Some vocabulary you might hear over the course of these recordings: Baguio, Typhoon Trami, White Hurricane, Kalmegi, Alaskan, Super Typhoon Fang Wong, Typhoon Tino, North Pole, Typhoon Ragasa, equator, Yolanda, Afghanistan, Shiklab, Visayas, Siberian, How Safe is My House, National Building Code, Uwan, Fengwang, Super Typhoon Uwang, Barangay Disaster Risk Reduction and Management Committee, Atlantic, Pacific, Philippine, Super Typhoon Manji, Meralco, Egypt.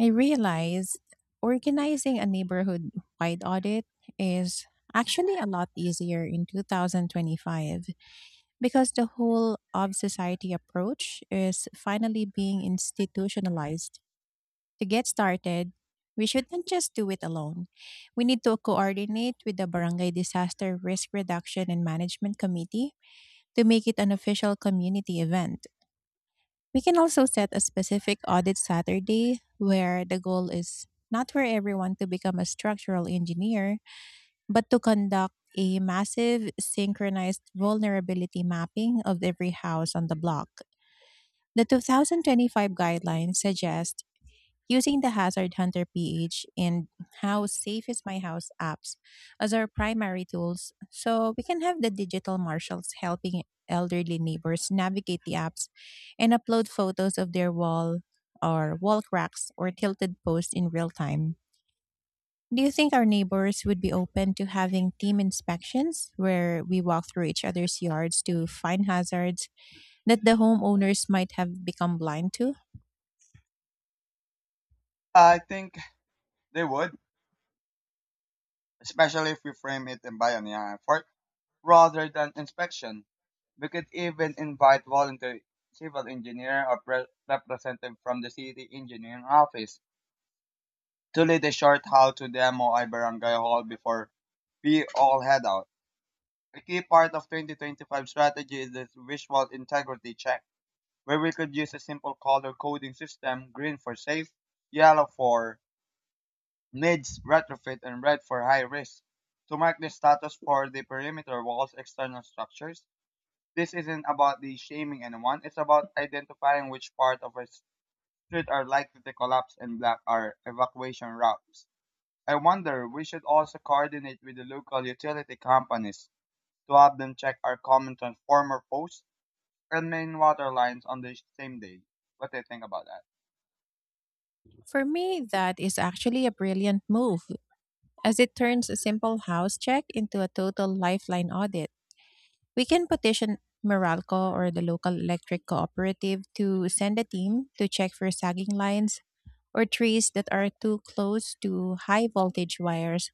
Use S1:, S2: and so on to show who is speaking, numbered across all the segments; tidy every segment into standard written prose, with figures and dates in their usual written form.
S1: I realized organizing a neighborhood wide audit is actually a lot easier in 2025 because the whole of society approach is finally being institutionalized. To get started, we shouldn't just do it alone. We need to coordinate with the Barangay Disaster Risk Reduction and Management Committee to make it an official community event. We can also set a specific audit Saturday where the goal is not for everyone to become a structural engineer, but to conduct a massive synchronized vulnerability mapping of every house on the block. The 2025 guidelines suggest using the Hazard Hunter pH and How Safe is My House apps as our primary tools, so we can have the digital marshals helping elderly neighbors navigate the apps and upload photos of their wall or wall cracks or tilted posts in real time. Do you think our neighbors would be open to having team inspections where we walk through each other's yards to find hazards that the homeowners might have become blind to?
S2: I think they would, especially if we frame it in pioneer effort rather than inspection. We could even invite voluntary civil engineer or representative from the city engineering office to lead a short how to demo a barangay hall before we all head out. A key part of 2025 strategy is this visual integrity check, where we could use a simple color coding system, green for safe, yellow for needs retrofit and bred for high risk. To mark the status for the perimeter walls, external structures, this isn't about the shaming anyone, it's about identifying which part of a street are likely to collapse and block our evacuation routes. I wonder, we should also coordinate with the local utility companies to have them check our common transformer posts and main water lines on the same day. What do you think about that?
S1: For me, that is actually a brilliant move, as it turns a simple house check into a total lifeline audit. We can petition Meralco or the local electric cooperative to send a team to check for sagging lines or trees that are too close to high voltage wires,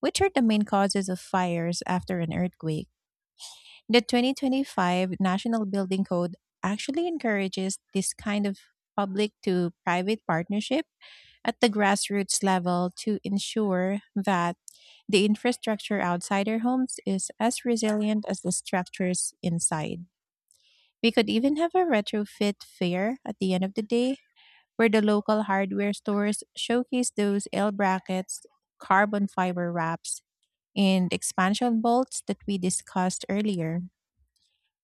S1: which are the main causes of fires after an earthquake. The 2025 National Building Code actually encourages this kind of public to private partnership at the grassroots level to ensure that the infrastructure outside our homes is as resilient as the structures inside. We could even have a retrofit fair at the end of the day where the local hardware stores showcase those L brackets, carbon fiber wraps, and expansion bolts that we discussed earlier.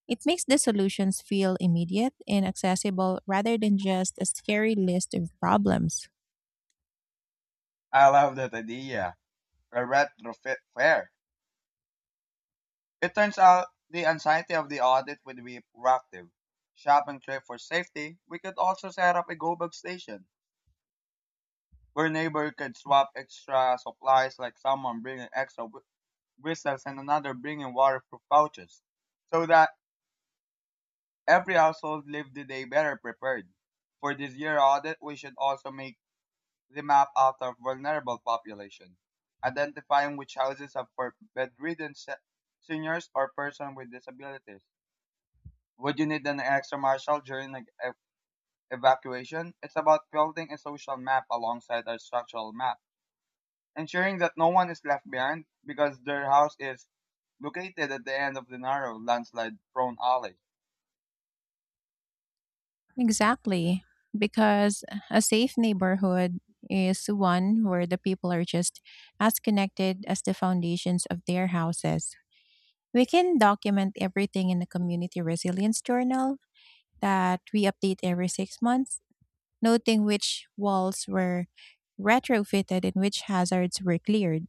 S1: It makes the solutions feel immediate and accessible rather than just a scary list of problems.
S2: I love that idea. A retrofit fair. It turns out the anxiety of the audit would be proactive. Shopping trip for safety, we could also set up a go bag station where neighbor could swap extra supplies like someone bringing extra whistles and another bringing waterproof pouches so that every household lived the day better prepared. For this year audit, we should also make the map out of vulnerable population, identifying which houses have for bedridden seniors or person with disabilities. Would you need an extra marshal during an evacuation? It's about building a social map alongside our structural map, ensuring that no one is left behind because their house is located at the end of the narrow, landslide prone alley.
S1: Exactly. Because a safe neighborhood is one where the people are just as connected as the foundations of their houses. We can document everything in the community resilience journal that we update every 6 months, noting which walls were retrofitted and which hazards were cleared.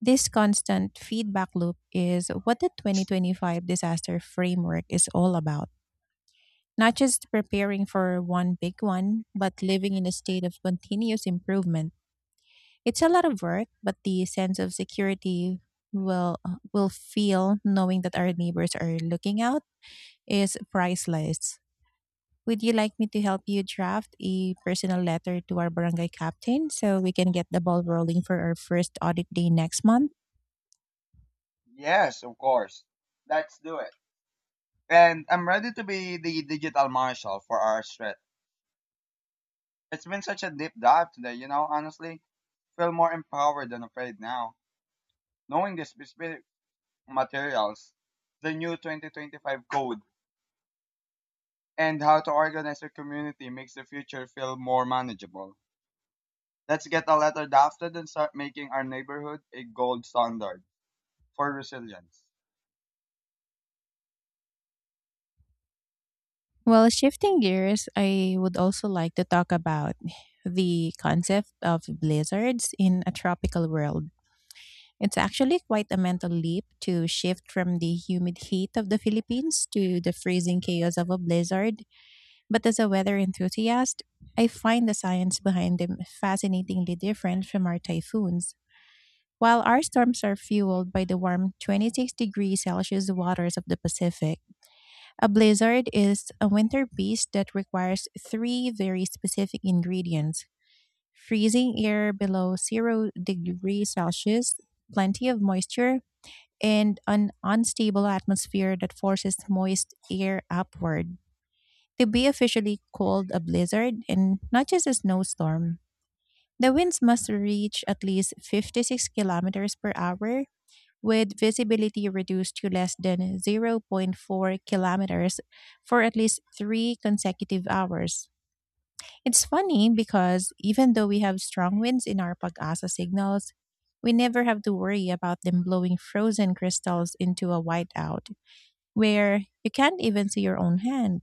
S1: This constant feedback loop is what the 2025 disaster framework is all about. Not just preparing for one big one, but living in a state of continuous improvement. It's a lot of work, but the sense of security will will feel knowing that our neighbors are looking out is priceless. Would you like me to help you draft a personal letter to our barangay captain so we can get the ball rolling for our first audit day next month?
S2: Yes, of course. Let's do it. And I'm ready to be the digital marshal for our street. It's been such a deep dive today, honestly. Feel more empowered than afraid now. Knowing the specific materials, the new 2025 code and how to organize your community makes the future feel more manageable. Let's get a letter drafted and start making our neighborhood a gold standard for resilience.
S1: Well, shifting gears, I would also like to talk about the concept of blizzards in a tropical world. It's actually quite a mental leap to shift from the humid heat of the Philippines to the freezing chaos of a blizzard, but as a weather enthusiast, I find the science behind them fascinatingly different from our typhoons. While our storms are fueled by the warm 26 degrees Celsius waters of the Pacific, a blizzard is a winter beast that requires three very specific ingredients: freezing air below 0 degrees Celsius, plenty of moisture, and an unstable atmosphere that forces moist air upward. To be officially called a blizzard and not just a snowstorm, the winds must reach at least 56 kilometers per hour, with visibility reduced to less than 0 0.4 kilometers for at least three consecutive hours. It's funny because even though we have strong winds in our pag-asa signals, we never have to worry about them blowing frozen crystals into a whiteout where you can't even see your own hand.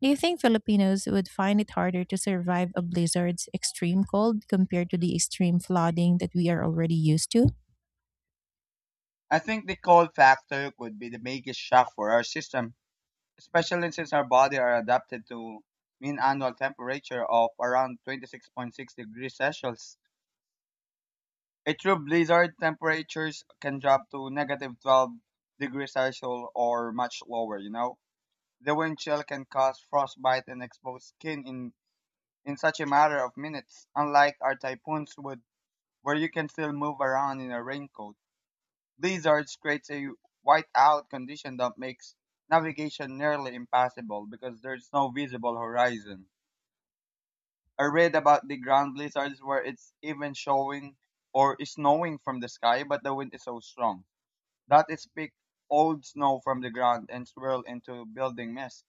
S1: Do you think Filipinos would find it harder to survive a blizzard's extreme cold compared to the extreme flooding that we are already used to?
S2: I think the cold factor could be the biggest shock for our system, especially since our body are adapted to mean annual temperature of around 26.6 degrees Celsius. A true blizzard temperatures can drop to negative 12 degrees Celsius or much lower. The wind chill can cause frostbite and expose skin in such a matter of minutes, unlike our typhoons would, where you can still move around in a raincoat. Blizzards creates a whiteout condition that makes navigation nearly impossible because there's no visible horizon. I read about the ground blizzards where it's even showing or snowing from the sky, but the wind is so strong that it picks old snow from the ground and swirl into building mist.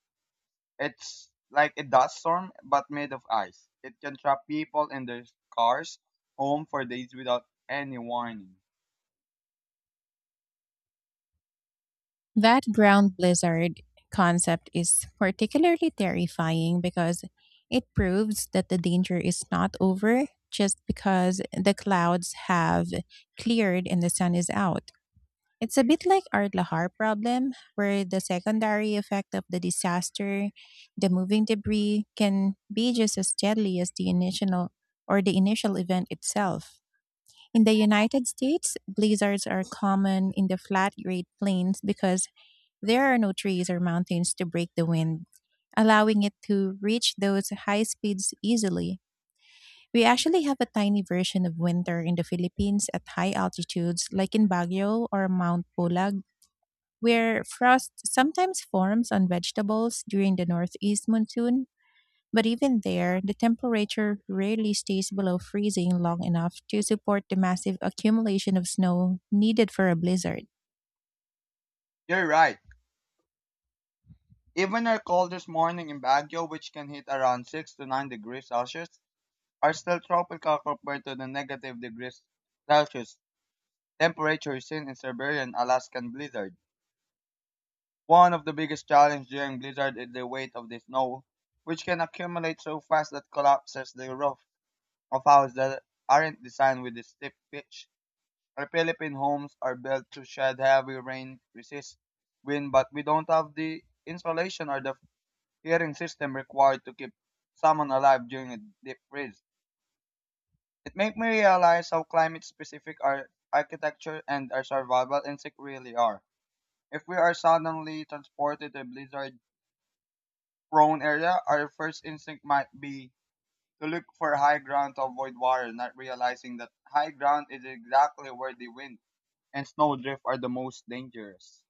S2: It's like a dust storm, but made of ice. It can trap people in their cars, home for days without any warning.
S1: That ground blizzard concept is particularly terrifying because it proves that the danger is not over just because the clouds have cleared and the sun is out. It's a bit like our Lahar problem, where the secondary effect of the disaster, the moving debris, can be just as deadly as the initial event itself. In the United States, blizzards are common in the flat Great Plains because there are no trees or mountains to break the wind, allowing it to reach those high speeds easily. We actually have a tiny version of winter in the Philippines at high altitudes, like in Baguio or Mount Pulag, where frost sometimes forms on vegetables during the northeast monsoon, but even there, the temperature rarely stays below freezing long enough to support the massive accumulation of snow needed for a blizzard.
S2: You're right. Even our coldest morning in Baguio, which can hit around 6 to 9 degrees Celsius, are still tropical compared to the negative degrees Celsius temperature seen in Siberian Alaskan blizzard. One of the biggest challenges during blizzard is the weight of the snow, which can accumulate so fast that collapses the roof of houses that aren't designed with this steep pitch. Our Philippine homes are built to shed heavy rain, resist wind, but we don't have the insulation or the heating system required to keep someone alive during a deep freeze. It made me realize how climate specific our architecture and our survival instincts really are. If we are suddenly transported to a blizzard prone area, our first instinct might be to look for high ground to avoid water, not realizing that high ground is exactly where the wind and snow drift are the most dangerous.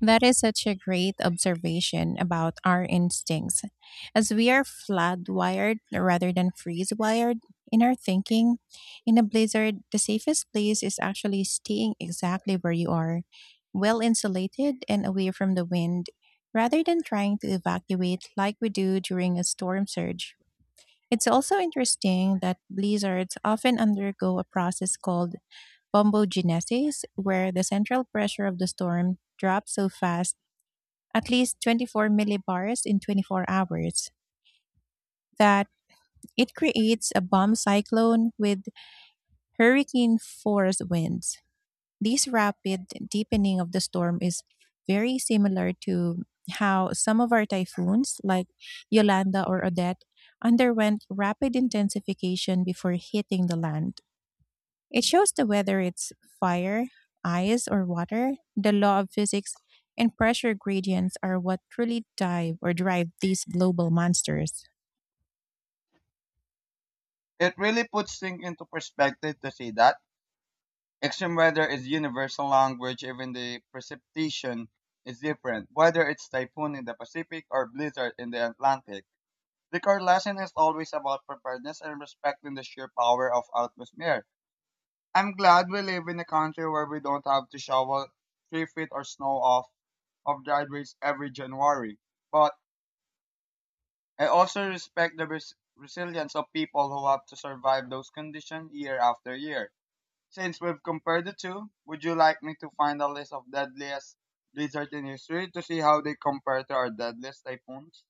S1: That is such a great observation about our instincts, as we are flood wired rather than freeze wired in our thinking. In a blizzard, the safest place is actually staying exactly where you are, well insulated and away from the wind, rather than trying to evacuate like we do during a storm surge. It's also interesting that blizzards often undergo a process called bombogenesis, where the central pressure of the storm drops so fast, at least 24 millibars in 24 hours, that it creates a bomb cyclone with hurricane force winds. This rapid deepening of the storm is very similar to how some of our typhoons, like Yolanda or Odette, underwent rapid intensification before hitting the land. It shows that whether it's fire, ice, or water, the law of physics and pressure gradients are what truly dive or drive these global monsters.
S2: It really puts things into perspective to see that extreme weather is universal language, even the precipitation is different, whether it's typhoon in the Pacific or blizzard in the Atlantic. The core lesson is always about preparedness and respecting the sheer power of atmosphere. I'm glad we live in a country where we don't have to shovel 3 feet or snow off of driveways every January. But I also respect the resilience of people who have to survive those conditions year after year. Since we've compared the two, would you like me to find a list of deadliest blizzards in history to see how they compare to our deadliest typhoons?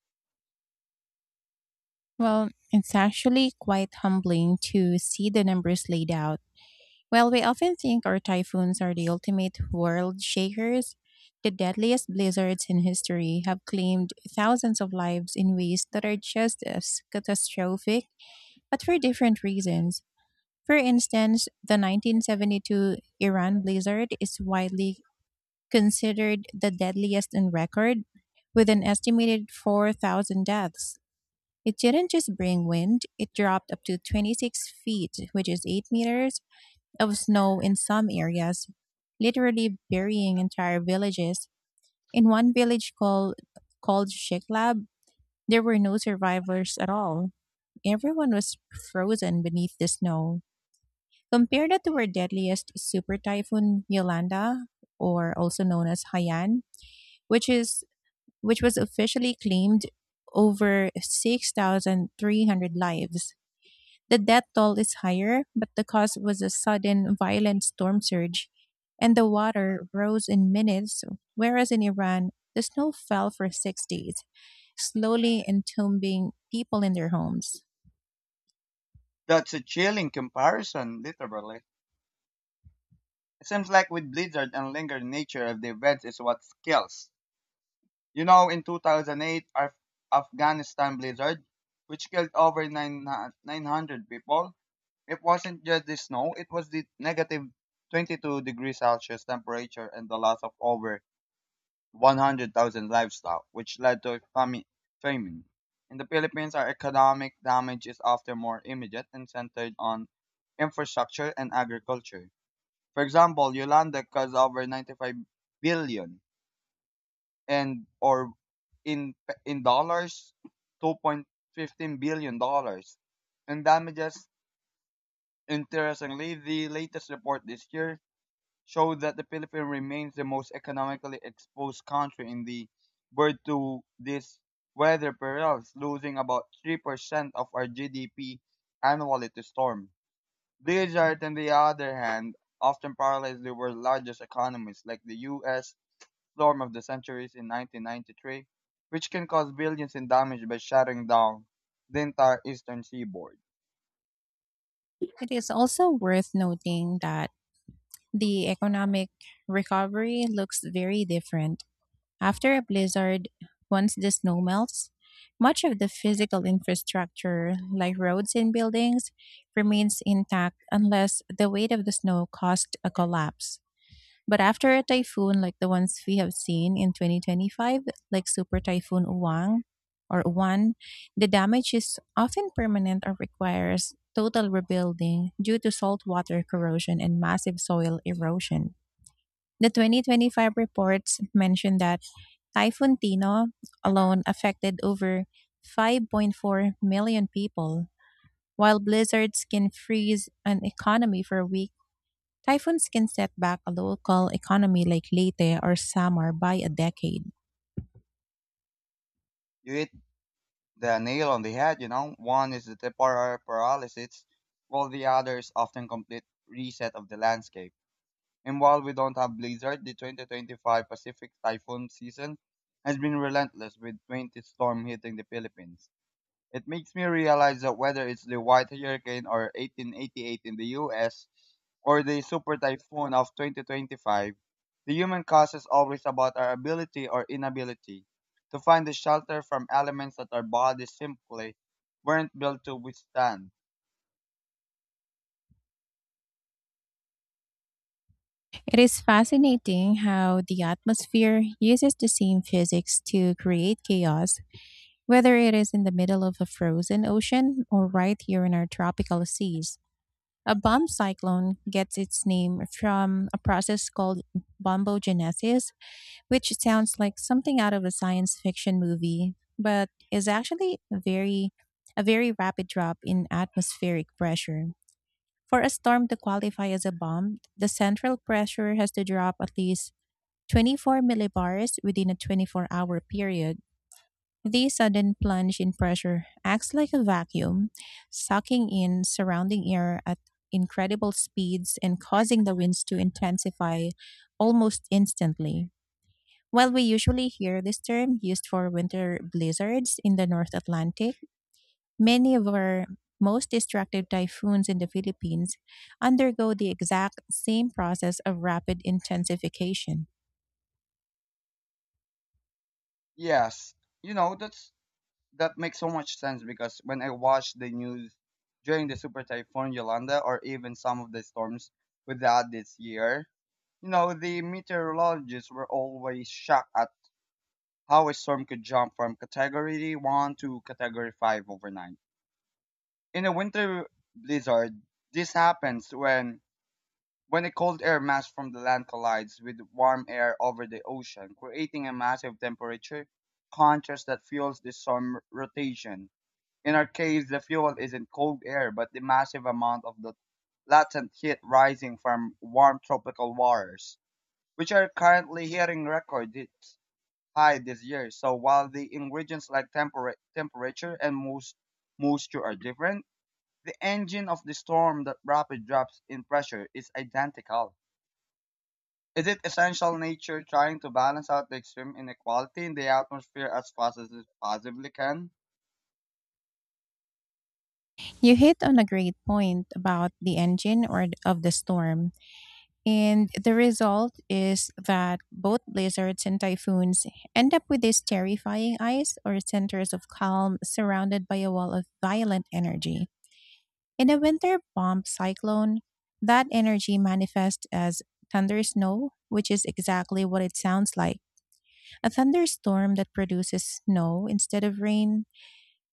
S1: Well, it's actually quite humbling to see the numbers laid out. While we often think our typhoons are the ultimate world shakers, the deadliest blizzards in history have claimed thousands of lives in ways that are just as catastrophic, but for different reasons. For instance, the 1972 Iran blizzard is widely considered the deadliest on record, with an estimated 4,000 deaths. It didn't just bring wind, it dropped up to 26 feet, which is 8 meters, of snow in some areas, literally burying entire villages. In one called Shiklab, there were no survivors at all. Everyone was frozen beneath the snow. Compare that to our deadliest super typhoon Yolanda, or also known as Haiyan, which is which was officially claimed over 6,300 lives. The death toll is higher, but the cause was a sudden violent storm surge and the water rose in minutes, whereas in Iran, the snow fell for 6 days, slowly entombing people in their homes.
S2: That's a chilling comparison, literally. It seems like with blizzard and lingering nature of the events is what kills. You know, in 2008, our Afghanistan blizzard, which killed over 9 900 people, it wasn't just the snow, it was the negative 22 degrees Celsius temperature and the loss of over 100,000 livestock, which led to famine. In the Philippines, our economic damage is often more immediate and centered on infrastructure and agriculture. For example, Yolanda caused over 95 billion and or in in dollars $2.15 billion in damages. Interestingly, the latest report this year showed that the Philippines remains the most economically exposed country in the world to this weather perils, losing about 3% of our GDP annually to storm. Egypt, on the other hand, often parallels the world's largest economies, like the U.S. storm of the centuries in 1993, which can cause billions in damage by shutting down the entire eastern seaboard.
S1: It is also worth noting that the economic recovery looks very different. After a blizzard, once the snow melts, much of the physical infrastructure, like roads and buildings, remains intact unless the weight of the snow caused a collapse. But after a typhoon like the ones we have seen in 2025, like Super Typhoon Uwang or Uwan, the damage is often permanent or requires total rebuilding due to saltwater corrosion and massive soil erosion. The 2025 reports mentioned that Typhoon Tino alone affected over 5.4 million people. While blizzards can freeze an economy for a week, typhoons can set back a local economy like Leyte or Samar by a decade.
S2: You the nail on the head. One is the temporary paralysis, while the other is often complete reset of the landscape. And while we don't have blizzard, the 2025 Pacific typhoon season has been relentless with 20 storm hitting the Philippines. It makes me realize that whether it's the White Hurricane or 1888 in the US or the super typhoon of 2025, the human cause is always about our ability or inability to find the shelter from elements that our bodies simply weren't built to withstand.
S1: It is fascinating how the atmosphere uses the same physics to create chaos, whether it is in the middle of a frozen ocean or right here in our tropical seas. A bomb cyclone gets its name from a process called bombogenesis, which sounds like something out of a science fiction movie, but is actually a very rapid drop in atmospheric pressure. For a storm to qualify as a bomb, the central pressure has to drop at least 24 millibars within a 24-hour period. The sudden plunge in pressure acts like a vacuum, sucking in surrounding air at incredible speeds and causing the winds to intensify almost instantly. While we usually hear this term used for winter blizzards in the North Atlantic, many of our most destructive typhoons in the Philippines undergo the exact same process of rapid intensification.
S2: Yes, you know, that makes so much sense because when I watch the news during the super typhoon Yolanda or even some of the storms we had this year, the meteorologists were always shocked at how a storm could jump from category 1 to category 5 overnight. In a winter blizzard, this happens when a cold air mass from the land collides with warm air over the ocean, creating a massive temperature contrast that fuels the storm rotation. In our case, the fuel isn't cold air, but the massive amount of the latent heat rising from warm tropical waters which are currently hitting record hits high this year. So while the ingredients like temperature and most moisture are different, the engine of the storm that rapid drops in pressure is identical. Is it essential nature trying to balance out the extreme inequality in the atmosphere as fast as it possibly can?
S1: You hit on a great point about the engine of the storm. And the result is that both blizzards and typhoons end up with these terrifying eyes or centers of calm surrounded by a wall of violent energy. In a winter bomb cyclone, that energy manifests as thunder snow, which is exactly what it sounds like: a thunderstorm that produces snow instead of rain.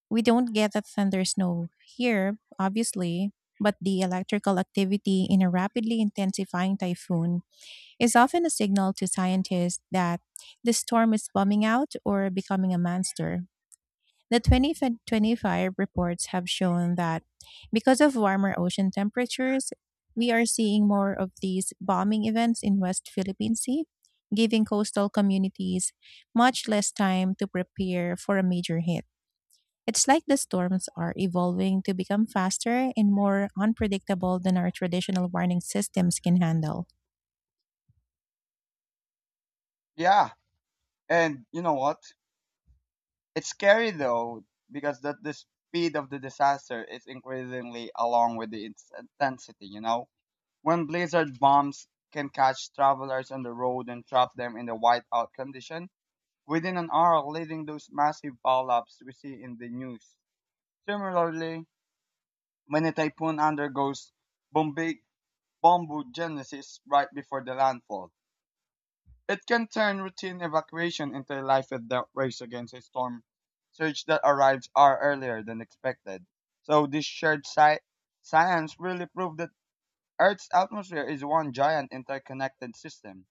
S1: We don't get that thunder snow here, obviously, but the electrical activity in a rapidly intensifying typhoon is often a signal to scientists that the storm is bombing out or becoming a monster. The 2025 reports have shown that because of warmer ocean temperatures, we are seeing more of these bombing events in West Philippine Sea, giving coastal communities much less time to prepare for a major hit. It's like the storms are evolving to become faster and more unpredictable than our traditional warning systems can handle.
S2: Yeah. And you know what? It's scary though, because that the speed of the disaster is increasingly along with the its intensity, you know? When blizzard bombs can catch travelers on the road and trap them in the whiteout condition within an hour, leading those massive pileups we see in the news. Similarly, when a typhoon undergoes bombi- bombogenesis right before the landfall, it can turn routine evacuation into a life and death race against a storm surge that arrives hour earlier than expected. So this shared science really proved that Earth's atmosphere is one giant interconnected system.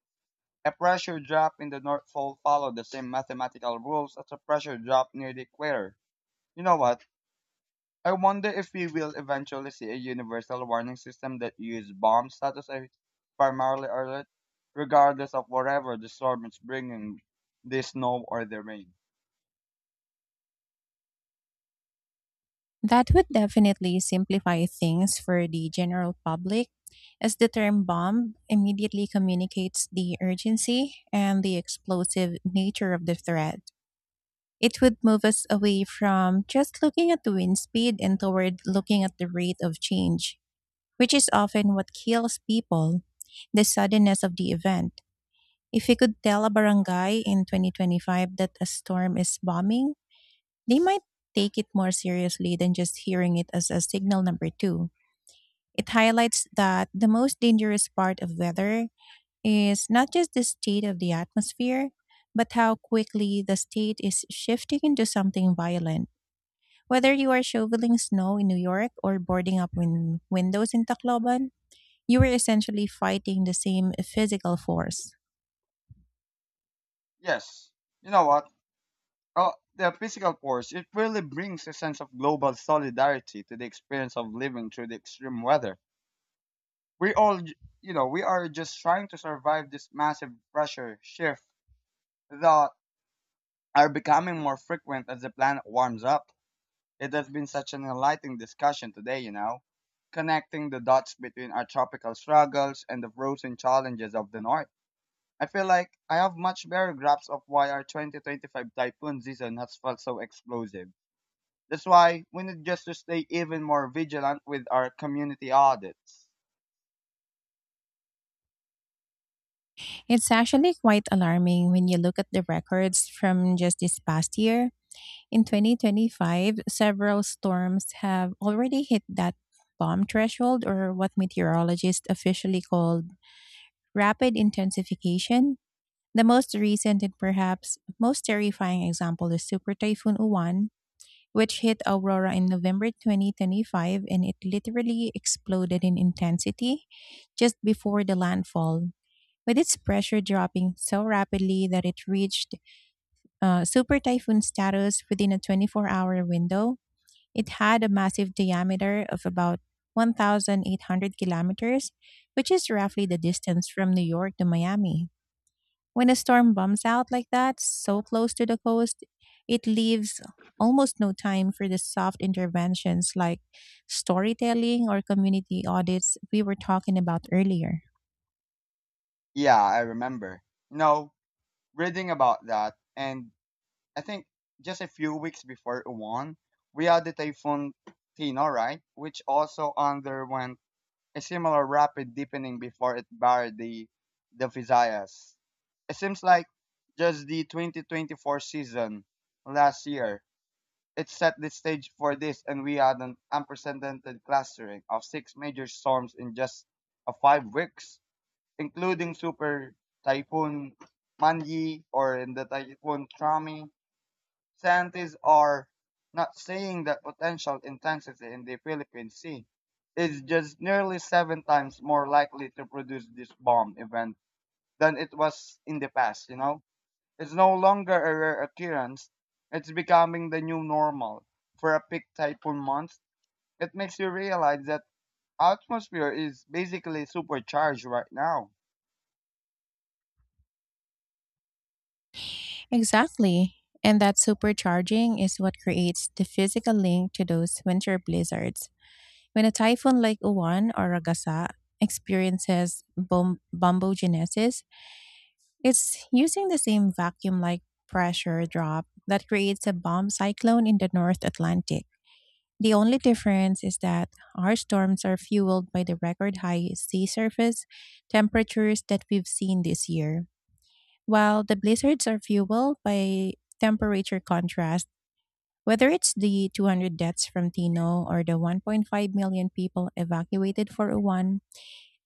S2: A pressure drop in the North Pole followed the same mathematical rules as a pressure drop near the equator. You know what? I wonder if we will eventually see a universal warning system that uses bomb status as primarily alert, regardless of whatever the storm is bringing, the snow or the rain.
S1: That would definitely simplify things for the general public, as the term bomb immediately communicates the urgency and the explosive nature of the threat. It would move us away from just looking at the wind speed and toward looking at the rate of change, which is often what kills people, the suddenness of the event. If we could tell a barangay in 2025 that a storm is bombing, they might take it more seriously than just hearing it as a signal number two. It highlights that the most dangerous part of weather is not just the state of the atmosphere, but how quickly the state is shifting into something violent. Whether you are shoveling snow in New York or boarding up windows in Tacloban, you are essentially fighting the same physical force.
S2: Yes. You know what? Oh, the physical force, it really brings a sense of global solidarity to the experience of living through the extreme weather. We all we are just trying to survive this massive pressure shift that are becoming more frequent as the planet warms up. It has been such an enlightening discussion today, connecting the dots between our tropical struggles and the frozen challenges of the north. I feel like I have much better grasp of why our 2025 typhoon season has felt so explosive. That's why we need just to stay even more vigilant with our community audits.
S1: It's actually quite alarming when you look at the records from just this past year. In 2025, several storms have already hit that bomb threshold, or what meteorologists officially called rapid intensification. The most recent and perhaps most terrifying example is Super Typhoon Uwan, which hit Aurora in November 2025, and it literally exploded in intensity just before the landfall, with its pressure dropping so rapidly that it reached super typhoon status within a 24-hour window. It had a massive diameter of about 1,800 kilometers, which is roughly the distance from New York to Miami. When a storm bumps out like that, so close to the coast, it leaves almost no time for the soft interventions like storytelling or community audits we were talking about earlier.
S2: Yeah, I remember. No, reading about that, and I think just a few weeks before Uwan, we had the typhoon Tino, right, which also underwent a similar rapid deepening before it barred the Visayas. It seems like just the 2024 season last year, it set the stage for this, and we had an unprecedented clustering of six major storms in just 5 weeks including Super Typhoon Manji or in the Typhoon Trami, scientists are not saying that potential intensity in the Philippine Sea is just nearly seven times more likely to produce this bomb event than it was in the past, you know? It's no longer a rare occurrence. It's becoming the new normal. For a peak typhoon month, it makes you realize that atmosphere is basically supercharged right now.
S1: Exactly. And that supercharging is what creates the physical link to those winter blizzards. When a typhoon like Uwan or Ragasa experiences bombogenesis, it's using the same vacuum like pressure drop that creates a bomb cyclone in the North Atlantic. The only difference is that our storms are fueled by the record high sea surface temperatures that we've seen this year, while the blizzards are fueled by temperature contrast. Whether it's the 200 deaths from Tino or the 1.5 million people evacuated for Uwan,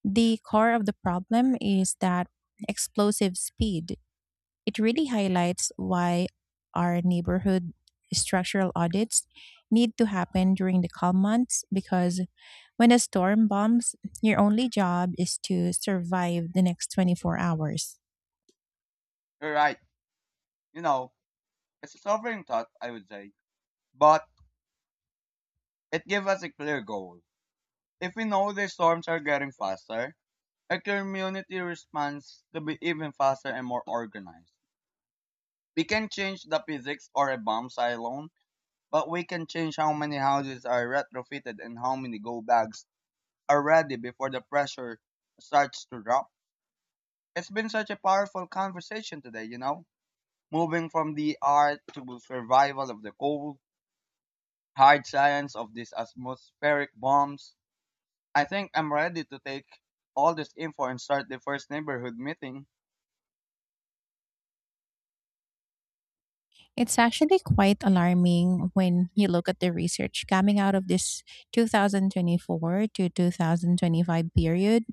S1: the core of the problem is that explosive speed. It really highlights why our neighborhood structural audits need to happen during the calm months, because when a storm bombs, your only job is to survive the next 24 hours.
S2: You right. You know, it's a sobering thought, I would say, but it gives us a clear goal. If we know the storms are getting faster, our community responds to be even faster and more organized. We can change the physics or a bomb silo, but we can change how many houses are retrofitted and how many go bags are ready before the pressure starts to drop. It's been such a powerful conversation today, you know? Moving from the art to survival of the cold, hard science of these atmospheric bombs, I think I'm ready to take all this info and start the first neighborhood meeting.
S1: It's actually quite alarming when you look at the research coming out of this 2024 to 2025 period.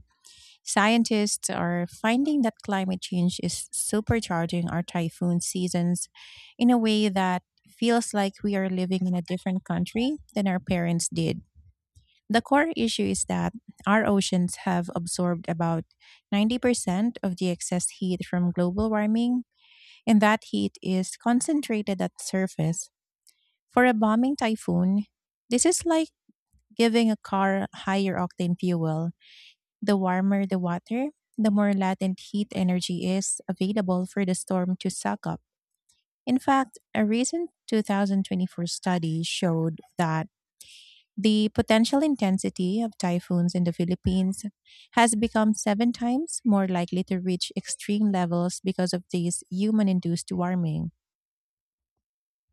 S1: Scientists are finding that climate change is supercharging our typhoon seasons in a way that feels like we are living in a different country than our parents did. The core issue is that our oceans have absorbed about 90% of the excess heat from global warming, and that heat is concentrated at the surface. For a bombing typhoon, this is like giving a car higher octane fuel. The warmer the water, the more latent heat energy is available for the storm to suck up. In fact, a recent 2024 study showed that the potential intensity of typhoons in the Philippines has become seven times more likely to reach extreme levels because of this human induced warming.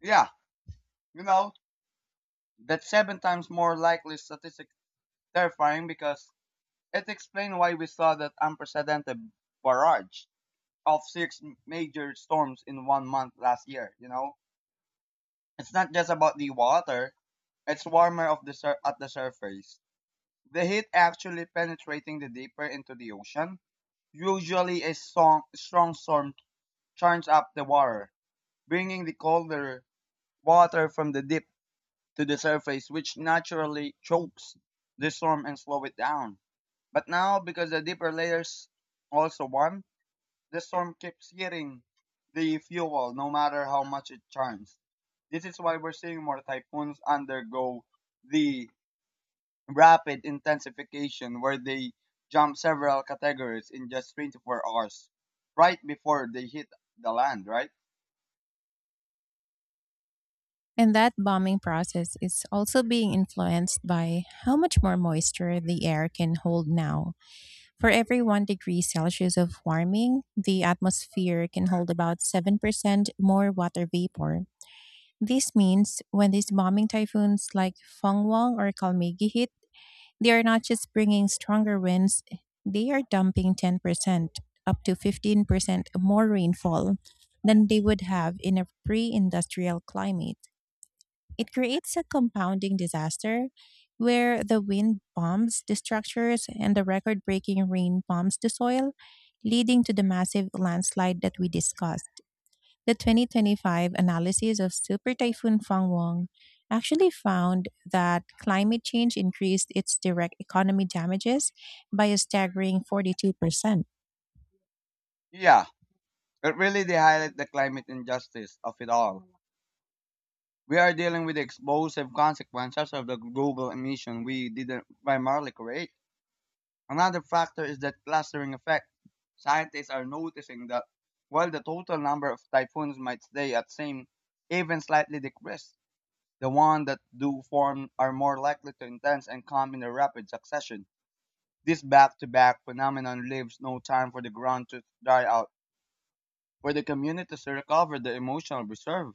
S2: Yeah, you know, that's seven times more likely statistic terrifying because it explains why we saw that unprecedented barrage of six major storms in one month last year, you know? It's not just about the water, it's warmer of the at the surface. The heat actually penetrating the deeper into the ocean. Usually a strong, strong storm churns up the water, bringing the colder water from the deep to the surface, which naturally chokes the storm and slow it down. But now, because the deeper layers also warm, the storm keeps hitting the fuel no matter how much it churns. This is why we're seeing more typhoons undergo the rapid intensification where they jump several categories in just 24 hours, right before they hit the land, right?
S1: And that bombing process is also being influenced by how much more moisture the air can hold now. For every 1 degree Celsius of warming, the atmosphere can hold about 7% more water vapor. This means when these bombing typhoons like Fengwang or Kalmegi hit, they are not just bringing stronger winds, they are dumping 10% up to 15% more rainfall than they would have in a pre industrial climate. It creates a compounding disaster where the wind bombs the structures and the record breaking rain bombs the soil, leading to the massive landslide that we discussed. The 2025 analysis of Super Typhoon Fang Wong actually found that climate change increased its direct economy damages by a staggering 42%.
S2: Yeah, it really they highlight the climate injustice of it all. We are dealing with the explosive consequences of the global emission we didn't primarily create. Another factor is that clustering effect. Scientists are noticing that while the total number of typhoons might stay at same, even slightly decrease, the ones that do form are more likely to intense and come in a rapid succession. This back-to-back phenomenon leaves no time for the ground to dry out, for the community to recover the emotional reserve.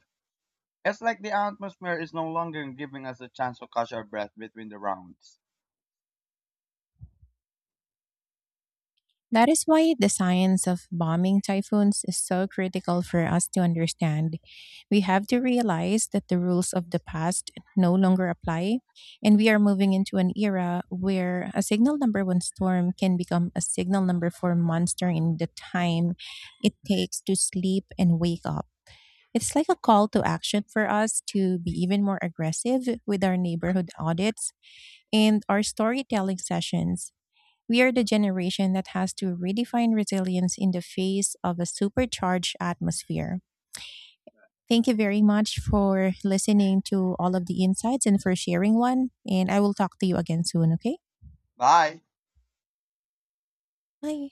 S2: It's like the atmosphere is no longer giving us a chance to catch our breath between the rounds.
S1: That is why the science of bombing typhoons is so critical for us to understand. We have to realize that the rules of the past no longer apply, and we are moving into an era where a signal number one storm can become a signal number four monster in the time it takes to sleep and wake up. It's like a call to action for us to be even more aggressive with our neighborhood audits and our storytelling sessions. We are the generation that has to redefine resilience in the face of a supercharged atmosphere. Thank you very much for listening to all of the insights and for sharing one. And I will talk to you again soon, okay?
S2: Bye.
S1: Bye.